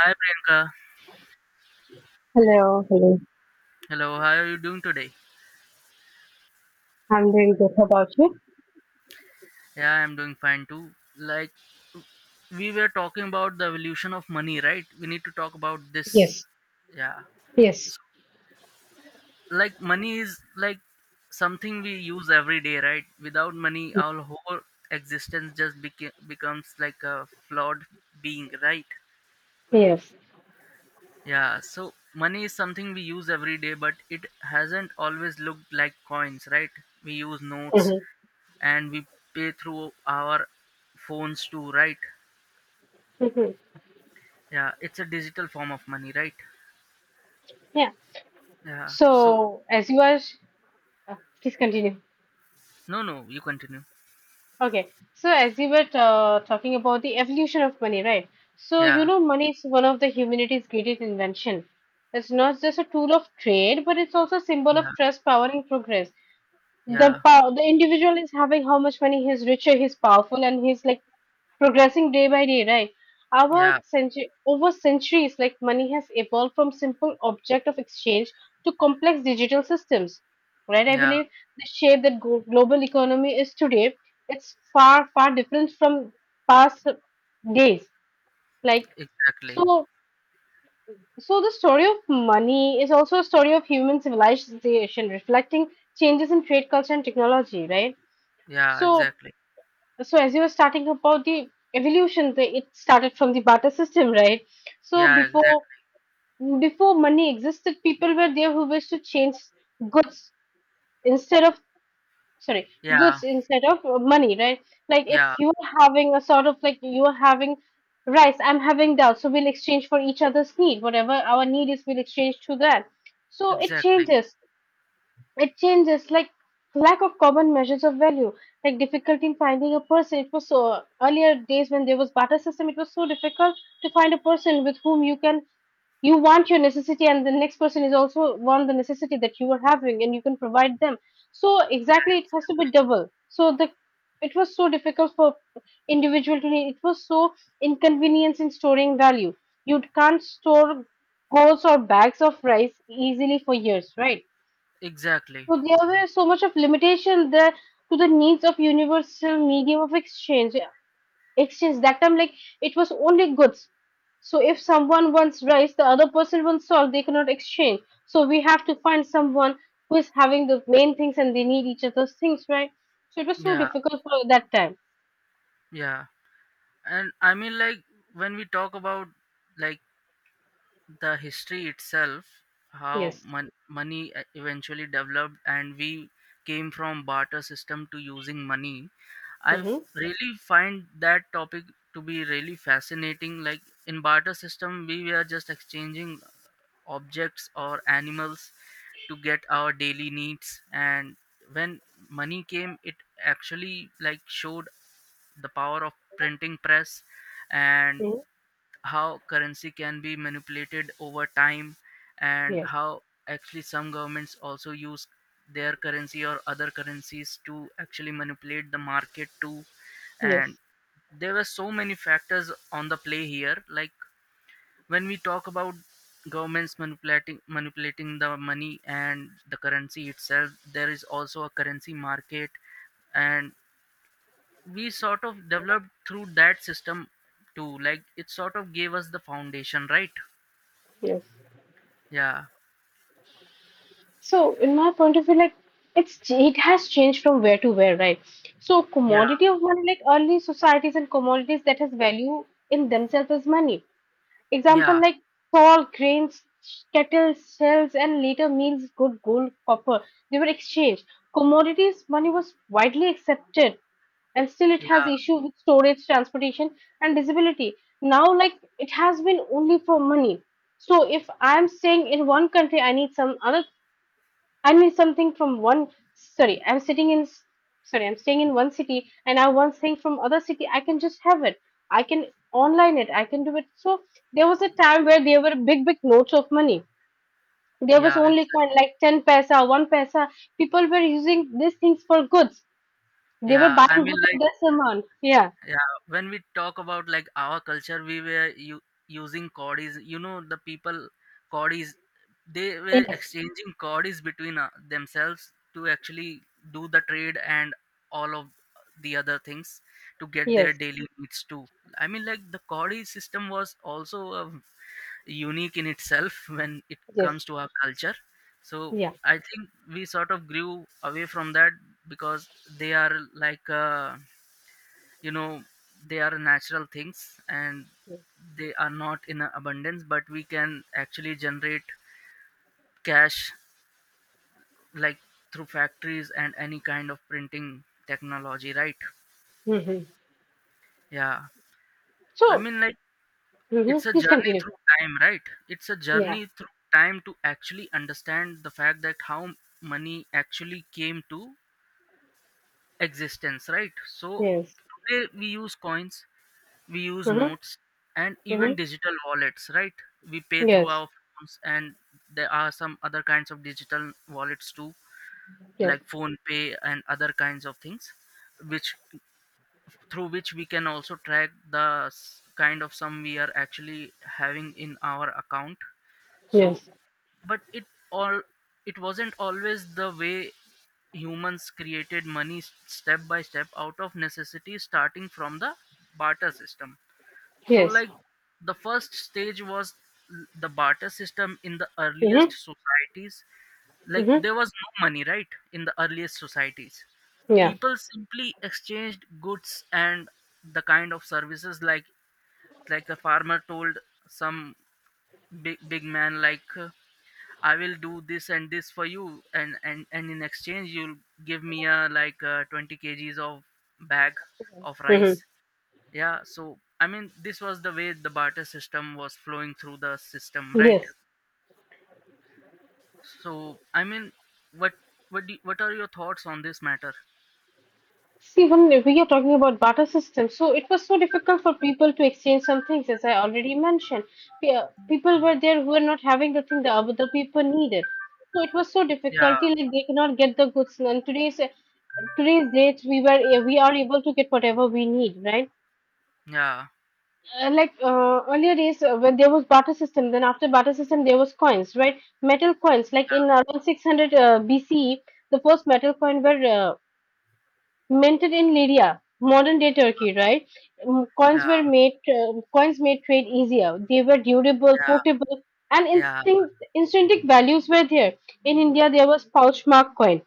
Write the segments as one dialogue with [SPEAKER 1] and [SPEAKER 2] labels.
[SPEAKER 1] Hi Priyanka.
[SPEAKER 2] Hello, hello.
[SPEAKER 1] Hello, how are you doing today?
[SPEAKER 2] I'm doing good. How about you?
[SPEAKER 1] Yeah, I'm doing fine too. Like we were talking about the evolution of money, right? We need to talk about this. Yeah. So, like money is like something we use every day, right? Without money, our whole existence just becomes like a flawed being, right?
[SPEAKER 2] Yes.
[SPEAKER 1] Yeah, so money is something we use every day, but it hasn't always looked like coins, right? We use notes,
[SPEAKER 2] Mm-hmm.
[SPEAKER 1] and we pay through our phones too, right?
[SPEAKER 2] Mm-hmm.
[SPEAKER 1] Yeah, it's a digital form of money, right?
[SPEAKER 2] Yeah.
[SPEAKER 1] Yeah. So,
[SPEAKER 2] So, as you are, uh, please continue.
[SPEAKER 1] no, no, you continue.
[SPEAKER 2] Okay. So, as you were talking about the evolution of money, right? So,
[SPEAKER 1] Yeah,
[SPEAKER 2] money is one of the humanity's greatest invention. It's not just a tool of trade, but it's also a symbol
[SPEAKER 1] yeah,
[SPEAKER 2] of trust, power, and progress. The
[SPEAKER 1] yeah,
[SPEAKER 2] power, the individual is having how much money he's richer, he's powerful, and he's like progressing day by day, right? Our
[SPEAKER 1] yeah,
[SPEAKER 2] century, over centuries, like money has evolved from simple object of exchange to complex digital systems, right? I
[SPEAKER 1] yeah.
[SPEAKER 2] believe the shape that global economy is today, it's far, far different from past days. Like
[SPEAKER 1] Exactly.
[SPEAKER 2] so, so, the story of money is also a story of human civilization, reflecting changes in trade culture and technology, right?
[SPEAKER 1] Yeah,
[SPEAKER 2] So
[SPEAKER 1] exactly.
[SPEAKER 2] so, as you were starting about the evolution the, it started from the barter system, right? So
[SPEAKER 1] Yeah,
[SPEAKER 2] before
[SPEAKER 1] exactly.
[SPEAKER 2] before money existed, people were there who wished to change goods instead of sorry
[SPEAKER 1] Yeah,
[SPEAKER 2] goods instead of money, right? Like
[SPEAKER 1] yeah,
[SPEAKER 2] if you are having a sort of, like you are having rice, I'm having dal, so we'll exchange for each other's need, whatever our need is, we'll exchange to that. So it
[SPEAKER 1] exactly,
[SPEAKER 2] changes it changes like lack of common measures of value, like difficulty in finding a person. It was so earlier days when there was barter system. It was so difficult to find a person with whom you want your necessity, and the next person is also want the necessity that you are having and you can provide them. So exactly, it has to be double. So the it was so difficult for individual to need. It was so inconvenience in storing value. You can't store goals or bags of rice easily for years, right?
[SPEAKER 1] exactly.
[SPEAKER 2] So there were so much of limitation there to the needs of universal medium of exchange. Exchange that time, like it was only goods. So if someone wants rice, the other person wants salt, they cannot exchange. So we have to find someone who is having the main things and they need each other's things, right? So it was so
[SPEAKER 1] Yeah,
[SPEAKER 2] difficult for that time.
[SPEAKER 1] yeah. And I mean, like when we talk about like the history itself, how
[SPEAKER 2] Yes.
[SPEAKER 1] money eventually developed, and we came from barter system to using money. I
[SPEAKER 2] Mm-hmm.
[SPEAKER 1] really find that topic to be really fascinating. Like in barter system, we were just exchanging objects or animals to get our daily needs, and when money came, it actually like showed the power of printing press and how currency can be manipulated over time, and
[SPEAKER 2] Yes.
[SPEAKER 1] how actually some governments also use their currency or other currencies to actually manipulate the market too. And
[SPEAKER 2] Yes.
[SPEAKER 1] there were so many factors on the play here, like when we talk about governments manipulating the money and the currency itself, there is also a currency market. And we sort of developed through that system too, like it sort of gave us the foundation, right?
[SPEAKER 2] Yes.
[SPEAKER 1] Yeah,
[SPEAKER 2] So, in my point of view, like it has changed from where to where, right? So,
[SPEAKER 1] yeah,
[SPEAKER 2] commodity of money, like early societies and commodities that has value in themselves as money. Example
[SPEAKER 1] yeah,
[SPEAKER 2] like salt, grains, cattle, shells, and later meals, good gold, copper. They were exchanged. Commodities money was widely accepted, and still it has
[SPEAKER 1] yeah,
[SPEAKER 2] issue with storage, transportation, and disability. Now, like it has been only for money. So if I'm staying in one country, I need some other, I need something from one. Sorry, I'm sitting in. Sorry, I'm staying in one city, and I want thing from other city. I can just have it. I can online it. I can do it. So there was a time where there were big, big notes of money. There was
[SPEAKER 1] yeah,
[SPEAKER 2] only
[SPEAKER 1] exactly.
[SPEAKER 2] coin like 10 paisa, one paisa. People were using these things for goods. They were
[SPEAKER 1] Yeah, I
[SPEAKER 2] buying
[SPEAKER 1] mean,
[SPEAKER 2] goods of
[SPEAKER 1] like
[SPEAKER 2] this amount. Yeah.
[SPEAKER 1] yeah, when we talk about like our culture, we were using codis, the people, codis, they were
[SPEAKER 2] Yes.
[SPEAKER 1] exchanging codis between themselves to actually do the trade and all of the other things to get their
[SPEAKER 2] Yes.
[SPEAKER 1] daily needs too. I mean, like the codis system was also a unique in itself when it
[SPEAKER 2] Yes.
[SPEAKER 1] comes to our culture. So
[SPEAKER 2] Yeah.
[SPEAKER 1] I think we sort of grew away from that because they are like you know they are natural things, and they are not in abundance, but we can actually generate cash, like through factories and any kind of printing technology, right?
[SPEAKER 2] hmm
[SPEAKER 1] Yeah, I
[SPEAKER 2] So
[SPEAKER 1] mean, like it's a
[SPEAKER 2] please
[SPEAKER 1] journey
[SPEAKER 2] continue.
[SPEAKER 1] through time, right? It's a
[SPEAKER 2] Yeah.
[SPEAKER 1] journey through time to actually understand the fact that how money actually came to existence, right? So
[SPEAKER 2] Yes.
[SPEAKER 1] today we use coins, we use
[SPEAKER 2] Hmm,
[SPEAKER 1] notes, and even
[SPEAKER 2] hmm.
[SPEAKER 1] digital wallets, right? We pay through
[SPEAKER 2] Yes.
[SPEAKER 1] our phones, and there are some other kinds of digital wallets too,
[SPEAKER 2] Yes.
[SPEAKER 1] like phone pay and other kinds of things, which through which we can also track the kind of sum we are actually having in our account. So
[SPEAKER 2] Yes.
[SPEAKER 1] but all it wasn't always the way humans created money, step by step, out of necessity, starting from the barter system. So
[SPEAKER 2] Yes.
[SPEAKER 1] like the first stage was the barter system in the earliest
[SPEAKER 2] Mm-hmm.
[SPEAKER 1] societies. Like
[SPEAKER 2] Mm-hmm.
[SPEAKER 1] there was no money, right? In the earliest societies,
[SPEAKER 2] Yeah.
[SPEAKER 1] people simply exchanged goods and the kind of services, like a farmer told some big big man like I will do this and this for you, and in exchange you'll give me a like 20 kg kgs of bag of rice.
[SPEAKER 2] Mm-hmm.
[SPEAKER 1] Yeah. So I mean, this was the way the barter system was flowing through the system, right?
[SPEAKER 2] Yes.
[SPEAKER 1] So I mean, what what are your thoughts on this matter?
[SPEAKER 2] See, when we are talking about barter system, so it was so difficult for people to exchange some things, as I already mentioned. Yeah, people were there who were not having the thing the other people needed. So it was so
[SPEAKER 1] Yeah.
[SPEAKER 2] difficulty, like they cannot get the goods. And today's date, we are able to get whatever we need, right?
[SPEAKER 1] Yeah.
[SPEAKER 2] Like earlier days, when there was barter system, then after barter system, there was coins, right? Metal coins, like in around 600 BCE, the first metal coin were minted in Lyria, modern-day Turkey, right?
[SPEAKER 1] Yeah.
[SPEAKER 2] Coins were
[SPEAKER 1] Yeah.
[SPEAKER 2] made. Coins made trade easier. They were durable,
[SPEAKER 1] Yeah.
[SPEAKER 2] portable, and
[SPEAKER 1] Yeah.
[SPEAKER 2] intrinsic values were there. In India, there was pouch mark coin.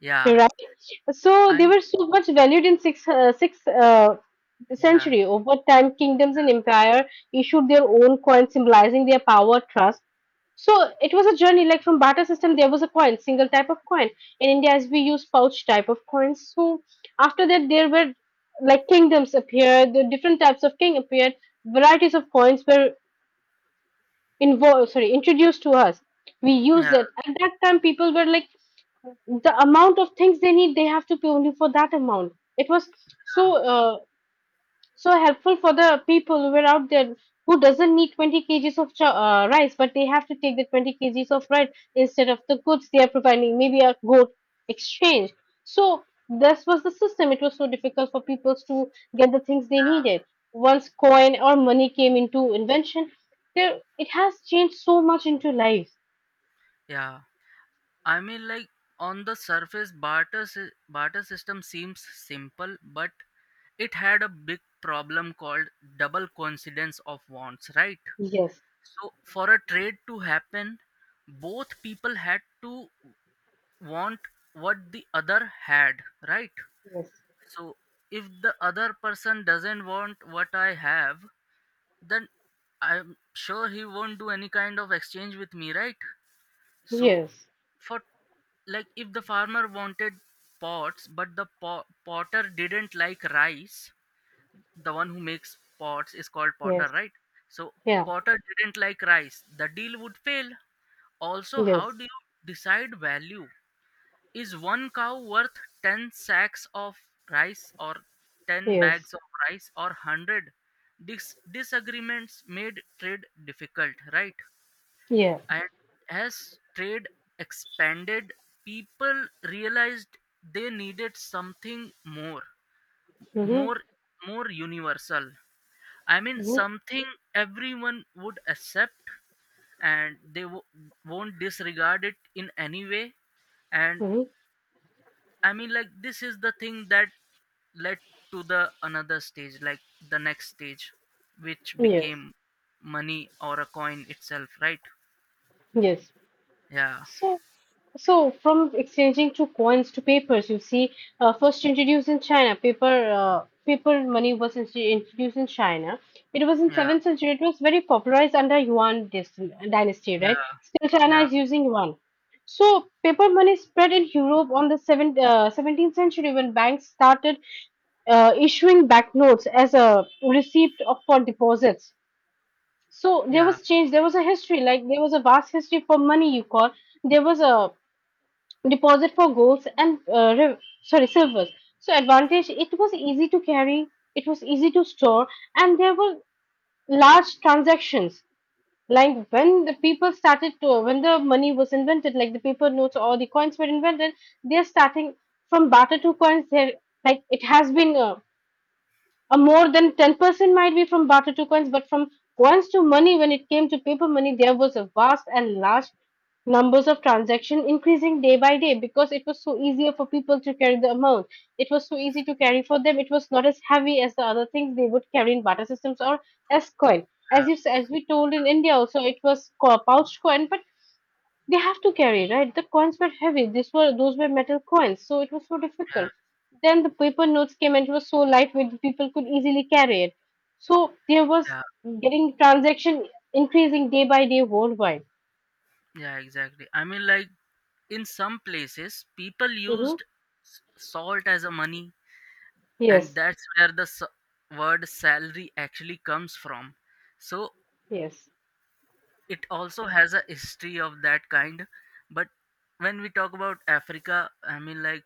[SPEAKER 1] Yeah.
[SPEAKER 2] Right. So they
[SPEAKER 1] I'm.
[SPEAKER 2] were so much valued in sixth
[SPEAKER 1] Yeah.
[SPEAKER 2] century. Over time, kingdoms and empire issued their own coins symbolizing their power, trust. So it was a journey. Like from barter system, there was a coin, single type of coin. In India, as we use pouch type of coins. So after that, there were like kingdoms appeared. The different types of king appeared. Varieties of coins were involved. Sorry, introduced to us. We used
[SPEAKER 1] Yeah.
[SPEAKER 2] it at that time. People were like the amount of things they need, they have to pay only for that amount. It was
[SPEAKER 1] Yeah.
[SPEAKER 2] so so helpful for the people who were out there, who doesn't need 20 kgs of rice, but they have to take the 20 kgs of rice instead of the goods they are providing, maybe a goat exchange. So this was the system. It was so difficult for people to get the things they
[SPEAKER 1] Yeah.
[SPEAKER 2] needed. Once coin or money came into invention, there it has changed so much into lives.
[SPEAKER 1] Yeah. I mean, like on the surface, barter system seems simple, but it had a big problem called double coincidence of wants, right?
[SPEAKER 2] Yes.
[SPEAKER 1] So for a trade to happen, both people had to want what the other had, right?
[SPEAKER 2] Yes.
[SPEAKER 1] So if the other person doesn't want what I have, then I'm sure he won't do any kind of exchange with me, right? So
[SPEAKER 2] Yes.
[SPEAKER 1] for, like if the farmer wanted pots but the potter didn't like rice, the one who makes pots is called potter,
[SPEAKER 2] Yes.
[SPEAKER 1] right? So
[SPEAKER 2] Yeah.
[SPEAKER 1] potter didn't like rice, the deal would fail. Also, how
[SPEAKER 2] Yes,
[SPEAKER 1] do you decide value? Is one cow worth 10 sacks of rice or 10
[SPEAKER 2] yes,
[SPEAKER 1] bags of rice or 100? Disagreements made trade difficult, right?
[SPEAKER 2] yeah.
[SPEAKER 1] And as trade expanded, people realized they needed something
[SPEAKER 2] Mm-hmm,
[SPEAKER 1] more, more universal. I mean,
[SPEAKER 2] mm-hmm,
[SPEAKER 1] something everyone would accept, and they won't disregard it in any way. And
[SPEAKER 2] mm-hmm.
[SPEAKER 1] I mean, like this is the thing that led to the another stage, like the next stage, which
[SPEAKER 2] Yes,
[SPEAKER 1] became money or a coin itself, right?
[SPEAKER 2] yes.
[SPEAKER 1] Yeah,
[SPEAKER 2] So, so, from exchanging to coins to papers, you see, first introduced in China. Paper money was introduced in China. It was in
[SPEAKER 1] yeah,
[SPEAKER 2] seventh century. It was very popularized under Yuan dynasty, right?
[SPEAKER 1] yeah,
[SPEAKER 2] Still, China
[SPEAKER 1] yeah.
[SPEAKER 2] is using yuan. So, paper money spread in Europe on the 17th century when banks started issuing banknotes as a receipt for deposits. So there
[SPEAKER 1] Yeah,
[SPEAKER 2] was change. There was a history, like there was a vast history for money. You call there was a deposit for golds and re- sorry silvers. So advantage. It was easy to carry. It was easy to store, and there were large transactions. Like when the people started to, when the money was invented, like the paper notes or the coins were invented, they are starting from barter to coins. There, like it has been. A more than 10% might be from barter to coins, but from coins to money, when it came to paper money, there was a vast and large numbers of transaction increasing day by day, because it was so easier for people to carry the amount. It was so easy to carry for them. It was not as heavy as the other things they would carry in barter systems or as coin.
[SPEAKER 1] yeah,
[SPEAKER 2] As we told, in India also, it was pouch coin, but they have to carry, right? The coins were heavy. These were those were metal coins, so it was so
[SPEAKER 1] yeah,
[SPEAKER 2] difficult. Then the paper notes came and it was so lightweight, the people could easily carry it. So there was
[SPEAKER 1] yeah,
[SPEAKER 2] getting transaction increasing day by day worldwide.
[SPEAKER 1] yeah, exactly. I mean, like in some places, people
[SPEAKER 2] Hmm.
[SPEAKER 1] used salt as a money, and
[SPEAKER 2] Yes,
[SPEAKER 1] that's where the word salary actually comes from. So
[SPEAKER 2] yes.
[SPEAKER 1] it also has a history of that kind. But when we talk about Africa, I mean, like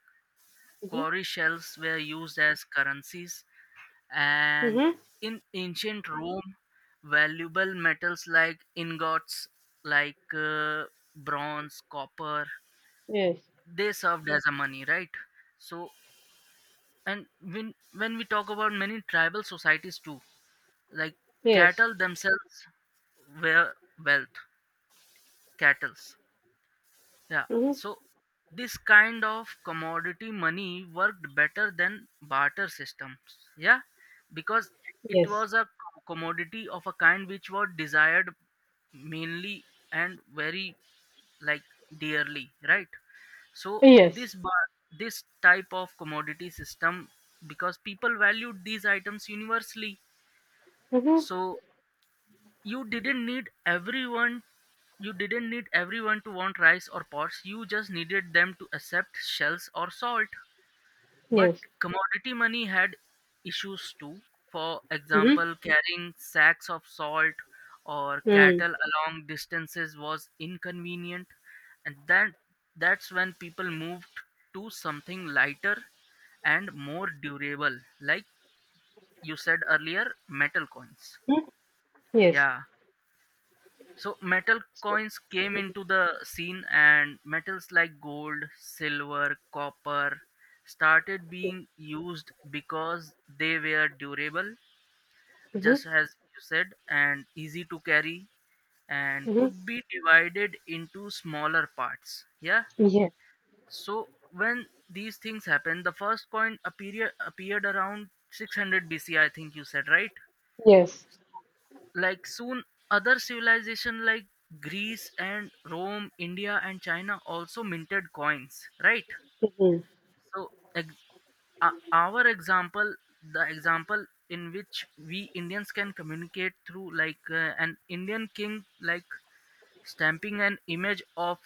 [SPEAKER 2] Hmm,
[SPEAKER 1] quarry shells were used as currencies, and
[SPEAKER 2] hmm.
[SPEAKER 1] in ancient Rome valuable metals like ingots, like bronze, copper,
[SPEAKER 2] Yes,
[SPEAKER 1] they served as a money, right? So and when we talk about many tribal societies too, like
[SPEAKER 2] yes.
[SPEAKER 1] cattle themselves were wealth, cattles. Yeah.
[SPEAKER 2] Hmm.
[SPEAKER 1] So this kind of commodity money worked better than barter systems. Yeah, because it
[SPEAKER 2] Yes,
[SPEAKER 1] was a commodity of a kind which was desired mainly and very like dearly, right? So
[SPEAKER 2] yes.
[SPEAKER 1] this bar this type of commodity system, because people valued these items universally.
[SPEAKER 2] Hmm.
[SPEAKER 1] So you didn't need everyone you didn't need everyone to want rice or pots, you just needed them to accept shells or salt. But
[SPEAKER 2] Yes.
[SPEAKER 1] commodity money had issues too. For
[SPEAKER 2] Hmm.
[SPEAKER 1] example, carrying sacks of salt or
[SPEAKER 2] Mm.
[SPEAKER 1] cattle along distances was inconvenient, and that that's when people moved to something lighter and more durable, like you said earlier, metal coins.
[SPEAKER 2] Yes.
[SPEAKER 1] Yeah. So metal coins came into the scene, and metals like gold, silver, copper started being used because they were durable,
[SPEAKER 2] Mm-hmm.
[SPEAKER 1] just as you said, and easy to carry and
[SPEAKER 2] Mm-hmm.
[SPEAKER 1] could be divided into smaller parts. Yeah.
[SPEAKER 2] Yes.
[SPEAKER 1] So when these things happened, the first coin appeared around 600 BC, I think you said, right?
[SPEAKER 2] Yes.
[SPEAKER 1] Like soon other civilization like Greece and Rome, India and China also minted coins, right?
[SPEAKER 2] Mm-hmm.
[SPEAKER 1] So our example, the example in which we Indians can communicate through, like an Indian king like stamping an image of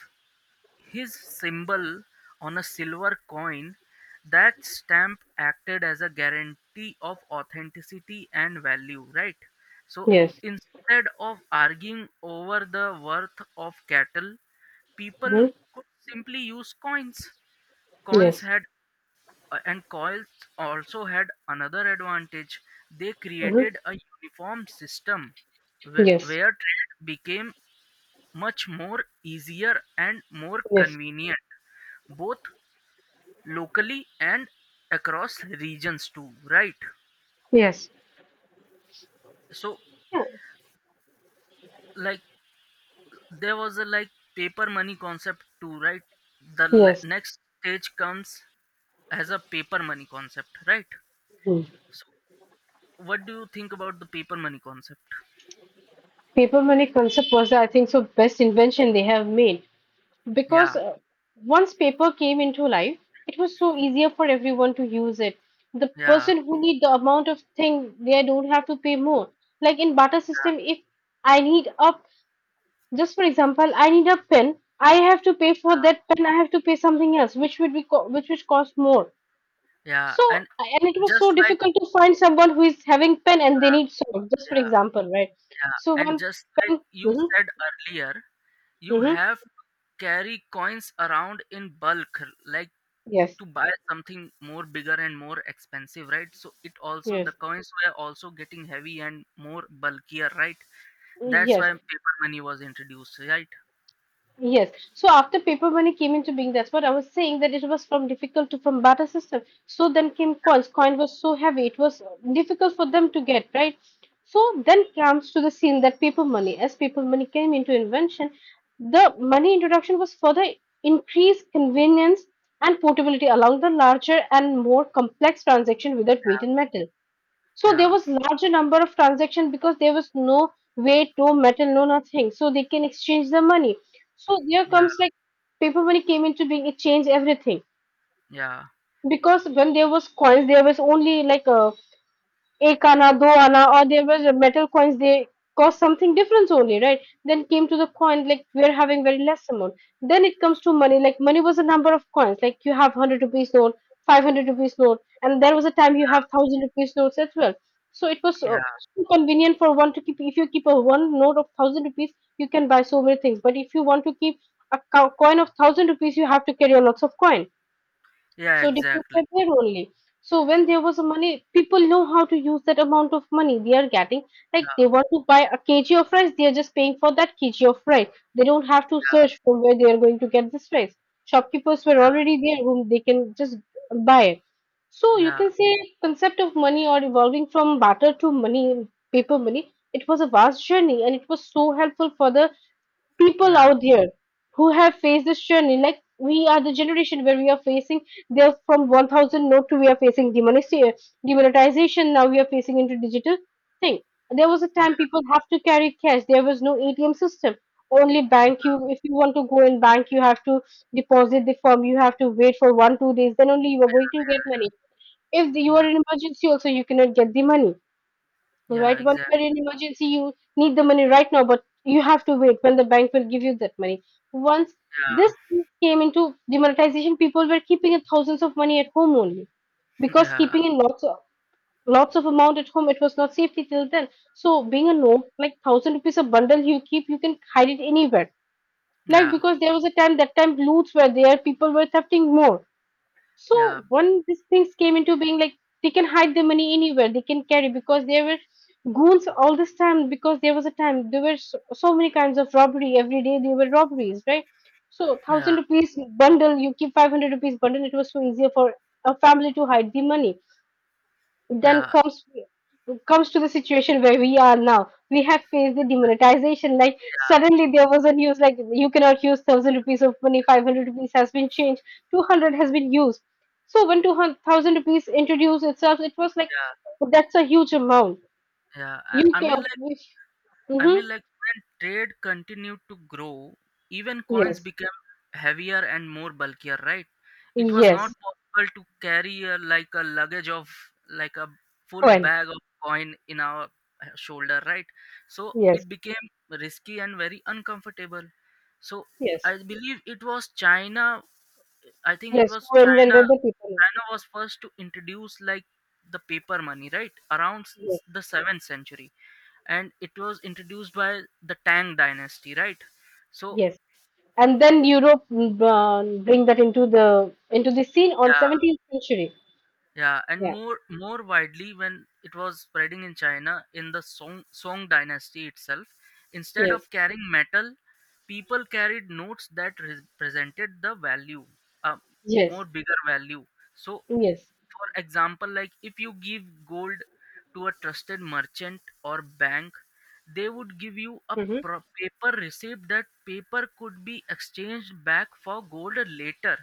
[SPEAKER 1] his symbol on a silver coin, that stamp acted as a guarantee of authenticity and value, right? So
[SPEAKER 2] Yes.
[SPEAKER 1] instead of arguing over the worth of cattle, people
[SPEAKER 2] Mm-hmm.
[SPEAKER 1] could simply use coins. Coins
[SPEAKER 2] Yes.
[SPEAKER 1] had and coins also had another advantage. They
[SPEAKER 2] Mm-hmm.
[SPEAKER 1] created a uniform system
[SPEAKER 2] Yes.
[SPEAKER 1] where trade became much more easier and more
[SPEAKER 2] Yes.
[SPEAKER 1] convenient, both locally and across regions too, right?
[SPEAKER 2] Yes.
[SPEAKER 1] So
[SPEAKER 2] Yeah.
[SPEAKER 1] like there was a like paper money concept too, right? The
[SPEAKER 2] Yes.
[SPEAKER 1] next stage comes as a paper money concept, right?
[SPEAKER 2] Mhm.
[SPEAKER 1] So what do you think about the paper money concept?
[SPEAKER 2] Paper money concept was, I think, so best invention they have made,
[SPEAKER 1] Yeah,
[SPEAKER 2] because once paper came into life, it was so easier for everyone to use it. The
[SPEAKER 1] yeah,
[SPEAKER 2] person who need the amount of thing, they don't have to pay more. Like in barter system, if I need a, just for example, I need a pen, I have to pay for
[SPEAKER 1] yeah,
[SPEAKER 2] that pen. I have to pay something else, which would be which would cost more.
[SPEAKER 1] yeah, yeah.
[SPEAKER 2] So,
[SPEAKER 1] And
[SPEAKER 2] and it was
[SPEAKER 1] just
[SPEAKER 2] so
[SPEAKER 1] like
[SPEAKER 2] difficult to find someone who is having pen and they
[SPEAKER 1] yeah,
[SPEAKER 2] need soap, just for
[SPEAKER 1] yeah,
[SPEAKER 2] example, right?
[SPEAKER 1] yeah,
[SPEAKER 2] So
[SPEAKER 1] and
[SPEAKER 2] one,
[SPEAKER 1] just like you
[SPEAKER 2] mm-hmm,
[SPEAKER 1] said earlier, you
[SPEAKER 2] mm-hmm,
[SPEAKER 1] have to carry coins around in bulk, like
[SPEAKER 2] yes,
[SPEAKER 1] to buy something more bigger and more expensive, right? So it also,
[SPEAKER 2] yes,
[SPEAKER 1] the coins were also getting heavy and more bulkier, right? That's
[SPEAKER 2] yes.
[SPEAKER 1] why paper money was introduced, right?
[SPEAKER 2] Yes. So after paper money came into being, that's what I was saying, that it was from difficult to from barter system. So then came coins. Coin was so heavy, it was difficult for them to get, right? So then comes to the scene that paper money, as paper money came into invention, the money introduction was further increased convenience and portability along the larger and more complex transaction without weight in metal. So there
[SPEAKER 1] Yeah,
[SPEAKER 2] was larger number of transaction because there was no way to metal, no nothing. So they can exchange the money. So there
[SPEAKER 1] yeah,
[SPEAKER 2] comes like paper money came into being, it changed everything.
[SPEAKER 1] yeah,
[SPEAKER 2] Because when there was coins, there was only like ek ana, do ana, or there was a metal coins, they cost something different only, right? Then came to the coin, like we're having very less amount. Then it comes to money, like money was a number of coins, like you have 100 rupees note, 500 rupees note, and there was a time you have
[SPEAKER 1] yeah,
[SPEAKER 2] 1,000 rupees notes as well. So it was
[SPEAKER 1] yeah,
[SPEAKER 2] so convenient for one to keep. If you keep a one note of 1,000 rupees, you can buy so many things. But if you want to keep a coin of 1000 rupees, you have to carry a lots of coin.
[SPEAKER 1] yeah,
[SPEAKER 2] So depends
[SPEAKER 1] exactly.
[SPEAKER 2] by their only. So when there was money, people know how to use that amount of money they are getting. Like they
[SPEAKER 1] Yeah,
[SPEAKER 2] want to buy a kg of rice, they are just paying for that kg of rice. They don't have to
[SPEAKER 1] yeah,
[SPEAKER 2] search from where they are going to get this rice. Shopkeepers were already there whom they can just buy it. So you
[SPEAKER 1] yeah,
[SPEAKER 2] can say concept of money or evolving from barter to money, paper money. It was a vast journey and it was so helpful for the people
[SPEAKER 1] yeah,
[SPEAKER 2] out there who have faced this journey. Like we are the generation where we are facing. They are from 1000 note to we are facing demonetization. Demonetization now we are facing into digital thing. There was a
[SPEAKER 1] yeah,
[SPEAKER 2] time people have to carry cash. There was no ATM system. Only bank you
[SPEAKER 1] yeah,
[SPEAKER 2] if you want to go in bank you have to deposit the form. You have to wait for 1-2 days. Then only you are going to get money. If you
[SPEAKER 1] yeah,
[SPEAKER 2] are in emergency also you cannot get the money,
[SPEAKER 1] yeah,
[SPEAKER 2] right? Whenever
[SPEAKER 1] exactly.
[SPEAKER 2] in emergency you need the money right now, but you have to wait when the bank will give you that money. Once
[SPEAKER 1] Yeah,
[SPEAKER 2] this came into demonetization, people were keeping thousands of money at home only because
[SPEAKER 1] yeah,
[SPEAKER 2] keeping in lots of amount at home, it was not safety till then. So being a note like 1,000 rupees a bundle, you keep, you can hide it anywhere. Like
[SPEAKER 1] yeah,
[SPEAKER 2] because there was a time that time loots were there, people were thefting more. So
[SPEAKER 1] yeah,
[SPEAKER 2] when these things came into being, like, they can hide the money anywhere, they can carry because there were goons all this time. Because there was a time there were so, so many kinds of robbery every day. There were robberies, right? So
[SPEAKER 1] yeah,
[SPEAKER 2] 1,000 rupees bundle, you keep 500 rupees bundle. It was so easier for a family to hide the money, then
[SPEAKER 1] yeah,
[SPEAKER 2] comes to the situation where we are now. We have faced the demonetization. Like
[SPEAKER 1] yeah,
[SPEAKER 2] suddenly there was a news like you cannot use 1,000 rupees of money. 500 rupees has been changed. 200 has been used. So when 2,000 rupees introduced itself, it was like
[SPEAKER 1] yeah,
[SPEAKER 2] that's a huge amount.
[SPEAKER 1] yeah, I,
[SPEAKER 2] You
[SPEAKER 1] I mean
[SPEAKER 2] can.
[SPEAKER 1] like, I mean,
[SPEAKER 2] Mm-hmm.
[SPEAKER 1] like when trade continued to grow, even coins
[SPEAKER 2] Yes.
[SPEAKER 1] became heavier and more bulkier, right? It was not
[SPEAKER 2] Yes.
[SPEAKER 1] possible to carry like a luggage of like a full
[SPEAKER 2] When.
[SPEAKER 1] bag of coin in our shoulder, right? So
[SPEAKER 2] Yes.
[SPEAKER 1] it became risky and very uncomfortable. So
[SPEAKER 2] Yes.
[SPEAKER 1] I believe it was China. I think it
[SPEAKER 2] Yes.
[SPEAKER 1] was
[SPEAKER 2] When
[SPEAKER 1] China.
[SPEAKER 2] the people.
[SPEAKER 1] China was first to introduce like the paper money, right? Around
[SPEAKER 2] Yes.
[SPEAKER 1] the seventh century, and it was introduced by the Tang dynasty, right? So
[SPEAKER 2] Yes. And then Europe bring that into the scene on
[SPEAKER 1] yeah,
[SPEAKER 2] 17th century.
[SPEAKER 1] yeah, and
[SPEAKER 2] Yeah.
[SPEAKER 1] more, more widely when it was spreading in China in the Song dynasty itself, instead
[SPEAKER 2] Yes.
[SPEAKER 1] of carrying metal, people carried notes that represented the value, a more
[SPEAKER 2] Yes.
[SPEAKER 1] bigger value. So
[SPEAKER 2] Yes.
[SPEAKER 1] for example, like if you give gold to a trusted merchant or bank, they would give you a
[SPEAKER 2] Mm-hmm.
[SPEAKER 1] paper receipt. That paper could be exchanged back for gold later.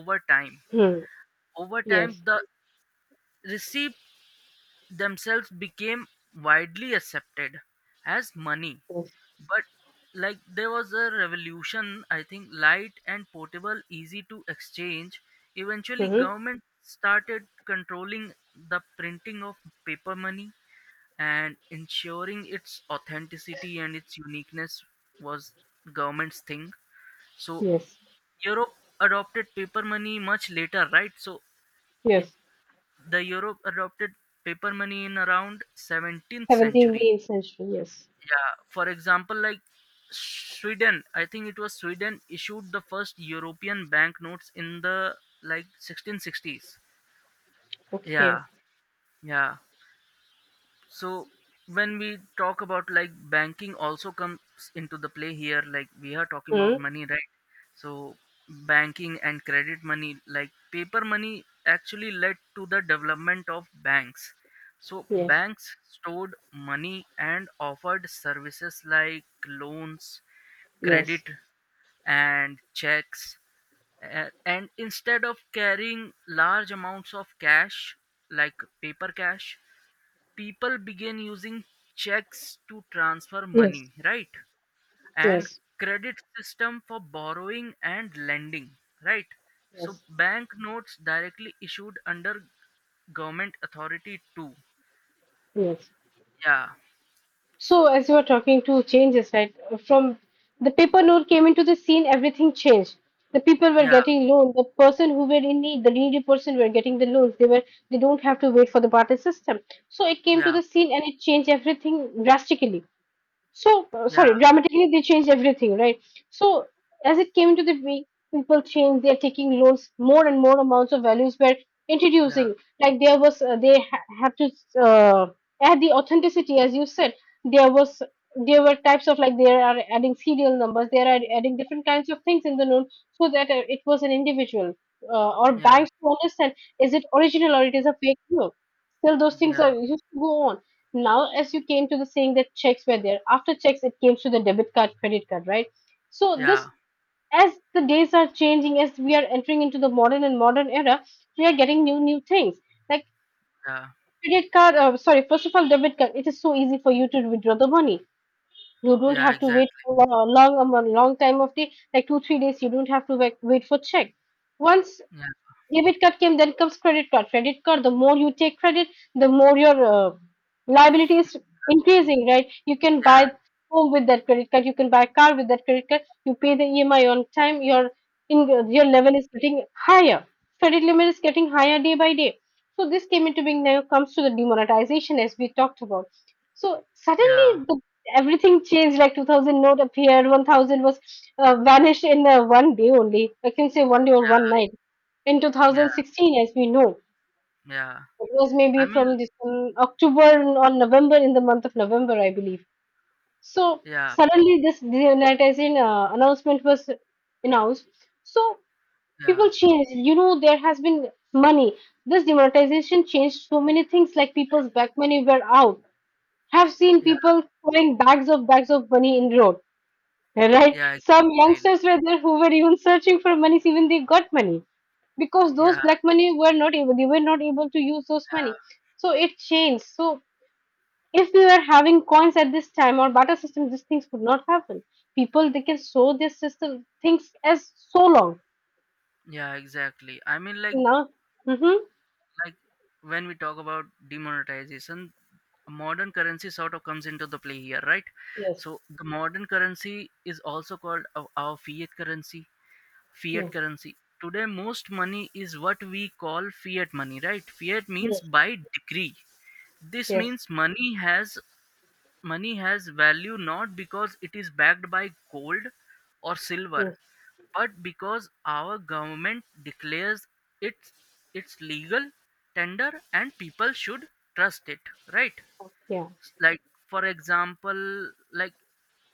[SPEAKER 1] Over time,
[SPEAKER 2] Hmm. Yes.
[SPEAKER 1] the receipt themselves became widely accepted as money.
[SPEAKER 2] Yes.
[SPEAKER 1] But like there was a revolution, I think, light and portable, easy to exchange. Eventually
[SPEAKER 2] Mm-hmm.
[SPEAKER 1] government started controlling the printing of paper money, and ensuring its authenticity and its uniqueness was government's thing. So
[SPEAKER 2] Yes.
[SPEAKER 1] Europe adopted paper money much later, right? So it
[SPEAKER 2] Yes.
[SPEAKER 1] the Europe adopted paper money in around 17th century.
[SPEAKER 2] 17th century. Yes.
[SPEAKER 1] Yeah, for example, like Sweden, I think it was Sweden issued the first European banknotes in the like 1660s.
[SPEAKER 2] Okay.
[SPEAKER 1] Yeah, yeah. So when we talk about like banking also comes into the play here, like we are talking about
[SPEAKER 2] Hmm.
[SPEAKER 1] money, right? So banking and credit money like paper money actually led to the development of banks. So
[SPEAKER 2] Yes.
[SPEAKER 1] banks stored money and offered services like loans, credit,
[SPEAKER 2] Yes.
[SPEAKER 1] and checks. And instead of carrying large amounts of cash, like paper cash, people began using checks to transfer
[SPEAKER 2] Yes.
[SPEAKER 1] money, right? And
[SPEAKER 2] Yes.
[SPEAKER 1] credit system for borrowing and lending, right? So
[SPEAKER 2] Yes.
[SPEAKER 1] bank notes directly issued under government authority too.
[SPEAKER 2] Yes.
[SPEAKER 1] Yeah.
[SPEAKER 2] So, as you were talking to changes, right? From the paper note came into the scene, everything changed. The people were
[SPEAKER 1] Yeah.
[SPEAKER 2] getting loan. The person who were in need, the needy person were getting the loans. They don't have to wait for the barter system. So it came to
[SPEAKER 1] Yeah.
[SPEAKER 2] the scene and it changed everything drastically. So,
[SPEAKER 1] Yeah.
[SPEAKER 2] sorry, dramatically they changed everything, right? So, as it came into the way, people change. They are taking loans, more and more amounts of values were
[SPEAKER 1] Yeah.
[SPEAKER 2] introducing. Like there was, they have to uh, add the authenticity, as you said. There was, there were types of like they are adding serial numbers. They are adding different kinds of things in the loan so that it was an individual. Or
[SPEAKER 1] Yeah.
[SPEAKER 2] banks to understand is it original or it is a fake loan. Still, those things are
[SPEAKER 1] Yeah.
[SPEAKER 2] used to go on now, as you came to the saying that checks were there, after checks it came to the debit card, credit card, right? So
[SPEAKER 1] Yeah.
[SPEAKER 2] this, as the days are changing, as we are entering into the modern and modern era, we are getting new things like
[SPEAKER 1] Yeah.
[SPEAKER 2] credit card. Sorry, first of all, debit card. It is so easy for you to withdraw the money. You don't
[SPEAKER 1] Yeah,
[SPEAKER 2] have to wait
[SPEAKER 1] exactly.
[SPEAKER 2] for a long time of the like 2-3 days. You don't have to wait for check. Once
[SPEAKER 1] Yeah.
[SPEAKER 2] debit card came, then comes credit card. Credit card, the more you take credit, the more your liability is increasing, right? You can
[SPEAKER 1] Yeah.
[SPEAKER 2] buy home with that credit card, you can buy car with that credit card, you pay the EMI on time, your in your level is getting higher. Credit limit is getting higher day by day. So this came into being now comes to the demonetization as we talked about. So suddenly
[SPEAKER 1] Yeah.
[SPEAKER 2] the, everything changed like 2000 note appeared, 1000 was vanished in one day only. I can say one day or one night in
[SPEAKER 1] Yeah.
[SPEAKER 2] 2016 as we know.
[SPEAKER 1] Yeah,
[SPEAKER 2] It was maybe
[SPEAKER 1] I mean,
[SPEAKER 2] from this, October or November, in the month of November, I believe. So
[SPEAKER 1] yeah.
[SPEAKER 2] suddenly this demonetization announcement was announced. So
[SPEAKER 1] Yeah.
[SPEAKER 2] people changed, there has been money. This demonetization changed so many things like people's back money were out. Have seen
[SPEAKER 1] Yeah.
[SPEAKER 2] people throwing bags of money in road. Right?
[SPEAKER 1] Yeah,
[SPEAKER 2] Some
[SPEAKER 1] exactly.
[SPEAKER 2] youngsters were there who were even searching for monies, even they got money because those
[SPEAKER 1] Yeah.
[SPEAKER 2] black money were not able, to use those money.
[SPEAKER 1] Yeah.
[SPEAKER 2] So it changed. So if we were having coins at this time or barter system, these things would not happen. People they can show their system things as so long
[SPEAKER 1] Yeah, exactly. I mean, like
[SPEAKER 2] now. Mm-hmm.
[SPEAKER 1] like when we talk about demonetization, modern currency sort of comes into the play here, right?
[SPEAKER 2] Yes.
[SPEAKER 1] So the modern currency is also called our fiat currency. Fiat
[SPEAKER 2] Yeah.
[SPEAKER 1] currency, today most money is what we call fiat money, right? Fiat means
[SPEAKER 2] Yes.
[SPEAKER 1] by decree. This
[SPEAKER 2] Yes.
[SPEAKER 1] means money has value not because it is backed by gold or silver,
[SPEAKER 2] Yes.
[SPEAKER 1] but because our government declares it's it's legal tender and people should trust it, right?
[SPEAKER 2] Yeah.
[SPEAKER 1] Like, for example, like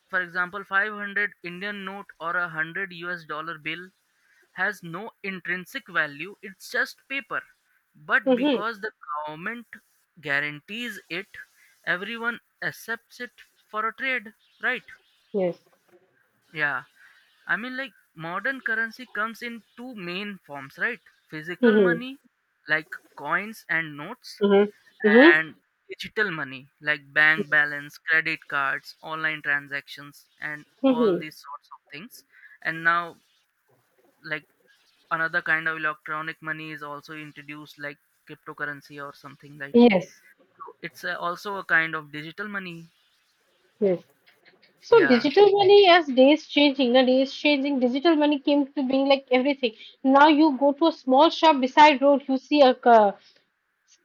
[SPEAKER 1] 500 indian note or a 100 us dollar bill has no intrinsic value. It's just paper. But
[SPEAKER 2] Mm-hmm.
[SPEAKER 1] because the government guarantees it, everyone accepts it for a trade, right?
[SPEAKER 2] Yes.
[SPEAKER 1] Yeah, I mean, like, modern currency comes in two main forms, right? Physical
[SPEAKER 2] Mm-hmm.
[SPEAKER 1] money like coins and notes,
[SPEAKER 2] Mm-hmm. Mm-hmm.
[SPEAKER 1] and digital money like bank balance, credit cards, online transactions, and all
[SPEAKER 2] Mm-hmm.
[SPEAKER 1] these sorts of things. And now, like, another kind of electronic money is also introduced, like cryptocurrency or something like.
[SPEAKER 2] Yes.
[SPEAKER 1] It's also a kind of digital money.
[SPEAKER 2] Yes. So
[SPEAKER 1] Yeah.
[SPEAKER 2] digital money, as days changing, the days changing, digital money came to being like everything. Now you go to a small shop beside road, you see a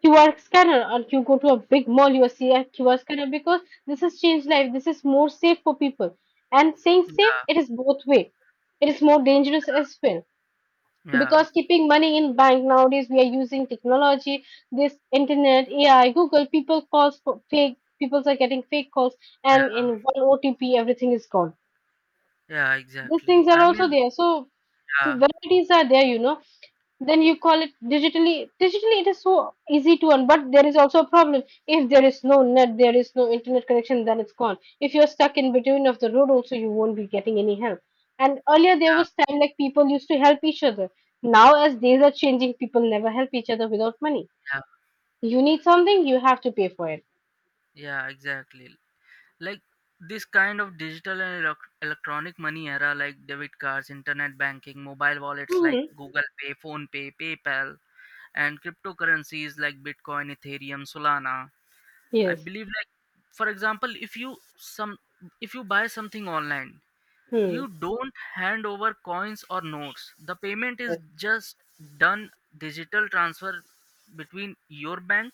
[SPEAKER 2] QR scanner, or you go to a big mall, you see a QR scanner because this has changed life. This is more safe for people. And saying safe,
[SPEAKER 1] Yeah.
[SPEAKER 2] it is both way. It is more dangerous as well
[SPEAKER 1] Yeah.
[SPEAKER 2] because keeping money in bank nowadays, we are using technology, this internet, AI, Google. People calls for fake. People are getting fake calls, and
[SPEAKER 1] Yeah.
[SPEAKER 2] in one OTP, everything is gone.
[SPEAKER 1] Yeah,
[SPEAKER 2] These
[SPEAKER 1] exactly.
[SPEAKER 2] things are
[SPEAKER 1] I
[SPEAKER 2] also
[SPEAKER 1] mean,
[SPEAKER 2] there. So the
[SPEAKER 1] yeah.
[SPEAKER 2] varieties are there, you know. Then you call it digitally. Digitally, it is so easy to earn, but there is also a problem. If there is no net, there is no internet connection, then it's gone. If you're stuck in between of the road, also you won't be getting any help. And earlier there
[SPEAKER 1] Yeah.
[SPEAKER 2] was time like people used to help each other. Now as days are changing, people never help each other without money.
[SPEAKER 1] Yeah.
[SPEAKER 2] You need something, you have to pay for it.
[SPEAKER 1] Yeah, exactly. Like, this kind of digital and electronic money era, like debit cards, internet banking, mobile wallets like
[SPEAKER 2] Hmm.
[SPEAKER 1] Google Pay, Phone Pay, PayPal, and cryptocurrencies like Bitcoin, Ethereum, Solana. I
[SPEAKER 2] Yes.
[SPEAKER 1] believe, like, for example, if you buy something online,
[SPEAKER 2] Hmm.
[SPEAKER 1] you don't hand over coins or notes. The payment is
[SPEAKER 2] Yes.
[SPEAKER 1] just done, digital transfer between your bank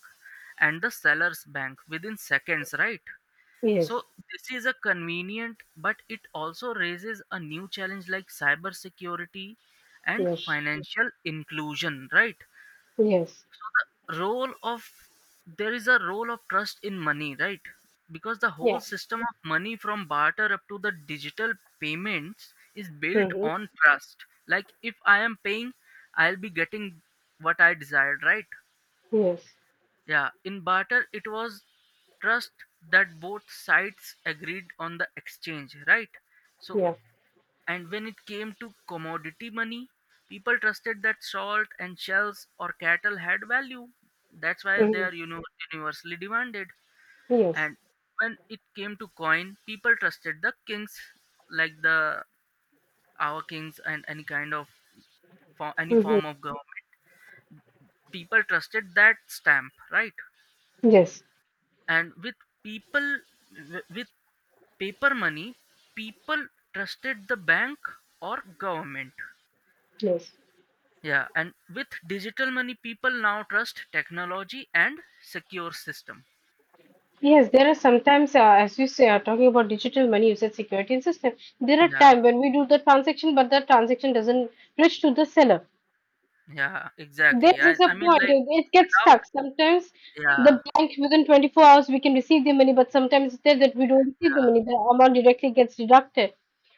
[SPEAKER 1] and the seller's bank within seconds, right? So
[SPEAKER 2] Yes.
[SPEAKER 1] this is a convenient, but it also raises a new challenge like cybersecurity and
[SPEAKER 2] Yes.
[SPEAKER 1] financial inclusion, right?
[SPEAKER 2] Yes.
[SPEAKER 1] Role of There is a role of trust in money, right? Because the
[SPEAKER 2] Yeah.
[SPEAKER 1] whole system of money from barter up to the digital payments is built
[SPEAKER 2] Hmm.
[SPEAKER 1] on trust. Like, if I am paying, I'll be getting what I desired, right?
[SPEAKER 2] Yes.
[SPEAKER 1] Yeah, in barter, it was trust that both sides agreed on the exchange, right? So,
[SPEAKER 2] Yes.
[SPEAKER 1] and when it came to commodity money, people trusted that salt and shells or cattle had value. That's why they
[SPEAKER 2] Hmm.
[SPEAKER 1] are, universally demanded.
[SPEAKER 2] Yes.
[SPEAKER 1] And when it came to coin, people trusted the kings, like the our kings and any kind of for any
[SPEAKER 2] Hmm.
[SPEAKER 1] form of government. People trusted that stamp, right?
[SPEAKER 2] Yes.
[SPEAKER 1] And with people with paper money, people trusted the bank or government.
[SPEAKER 2] Yes.
[SPEAKER 1] Yeah, and with digital money, people now trust technology and secure system.
[SPEAKER 2] Yes. There are sometimes, as you say, are talking about digital money you said security and system. There are
[SPEAKER 1] Yeah,
[SPEAKER 2] times when we do the transaction, but the transaction doesn't reach to the seller.
[SPEAKER 1] yeah,
[SPEAKER 2] This
[SPEAKER 1] exactly. I,
[SPEAKER 2] is a
[SPEAKER 1] I mean,
[SPEAKER 2] point.
[SPEAKER 1] like
[SPEAKER 2] It gets
[SPEAKER 1] without,
[SPEAKER 2] stuck. Sometimes
[SPEAKER 1] yeah,
[SPEAKER 2] the bank within 24 hours we can receive the money, but sometimes it's there that we don't receive the
[SPEAKER 1] yeah,
[SPEAKER 2] money. The amount directly gets deducted.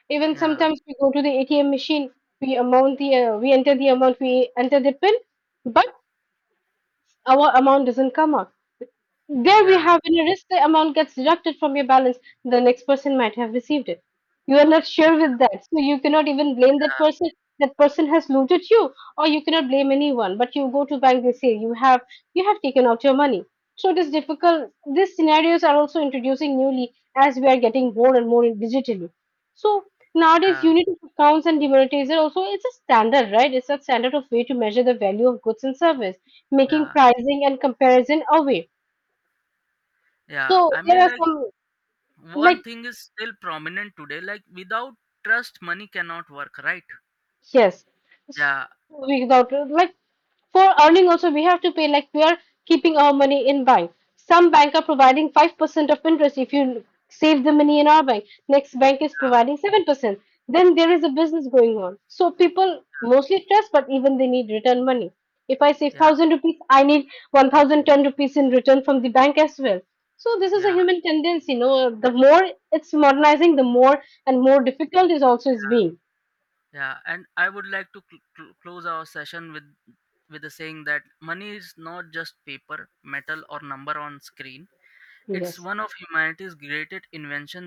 [SPEAKER 2] Even
[SPEAKER 1] yeah,
[SPEAKER 2] sometimes we go to the ATM machine, we amount the we enter the amount, we enter the pin, but our amount doesn't come out. There we
[SPEAKER 1] yeah,
[SPEAKER 2] have any risk the amount gets deducted from your balance, the next person might have received it. You are not sure with that. So you cannot even blame that person. That person has looted you, or you cannot blame anyone. But you go to bank, they say you have taken out your money. So it is difficult. These scenarios are also introducing newly as we are getting more and more in digitally. So nowadays
[SPEAKER 1] yeah,
[SPEAKER 2] unit of accounts and demonetization also it's a standard, right? It's a standard of way to measure the value of goods and service, making
[SPEAKER 1] yeah,
[SPEAKER 2] pricing and comparison a way.
[SPEAKER 1] yeah.
[SPEAKER 2] So
[SPEAKER 1] I
[SPEAKER 2] there
[SPEAKER 1] mean,
[SPEAKER 2] are
[SPEAKER 1] like,
[SPEAKER 2] some
[SPEAKER 1] one
[SPEAKER 2] like
[SPEAKER 1] thing is still prominent today. Like without trust, money cannot work, right?
[SPEAKER 2] Yes.
[SPEAKER 1] Yeah,
[SPEAKER 2] Without like for earning also we have to pay like we are keeping our money in bank. Some bank are providing 5% of interest if you save the money in our bank. Next bank is
[SPEAKER 1] yeah,
[SPEAKER 2] providing 7%. Then there is a business going on. So people mostly stress, but even they need return money. If I save
[SPEAKER 1] yeah,
[SPEAKER 2] 1,000 rupees, I need 1,010 rupees in return from the bank as well. So this is a
[SPEAKER 1] yeah.
[SPEAKER 2] human tendency. No, the more it's modernizing, the more and more difficult is also is being.
[SPEAKER 1] Yeah, and I would like to close our session with the saying that money is not just paper, metal, or number on screen. It's
[SPEAKER 2] Yes.
[SPEAKER 1] one of humanity's greatest invention.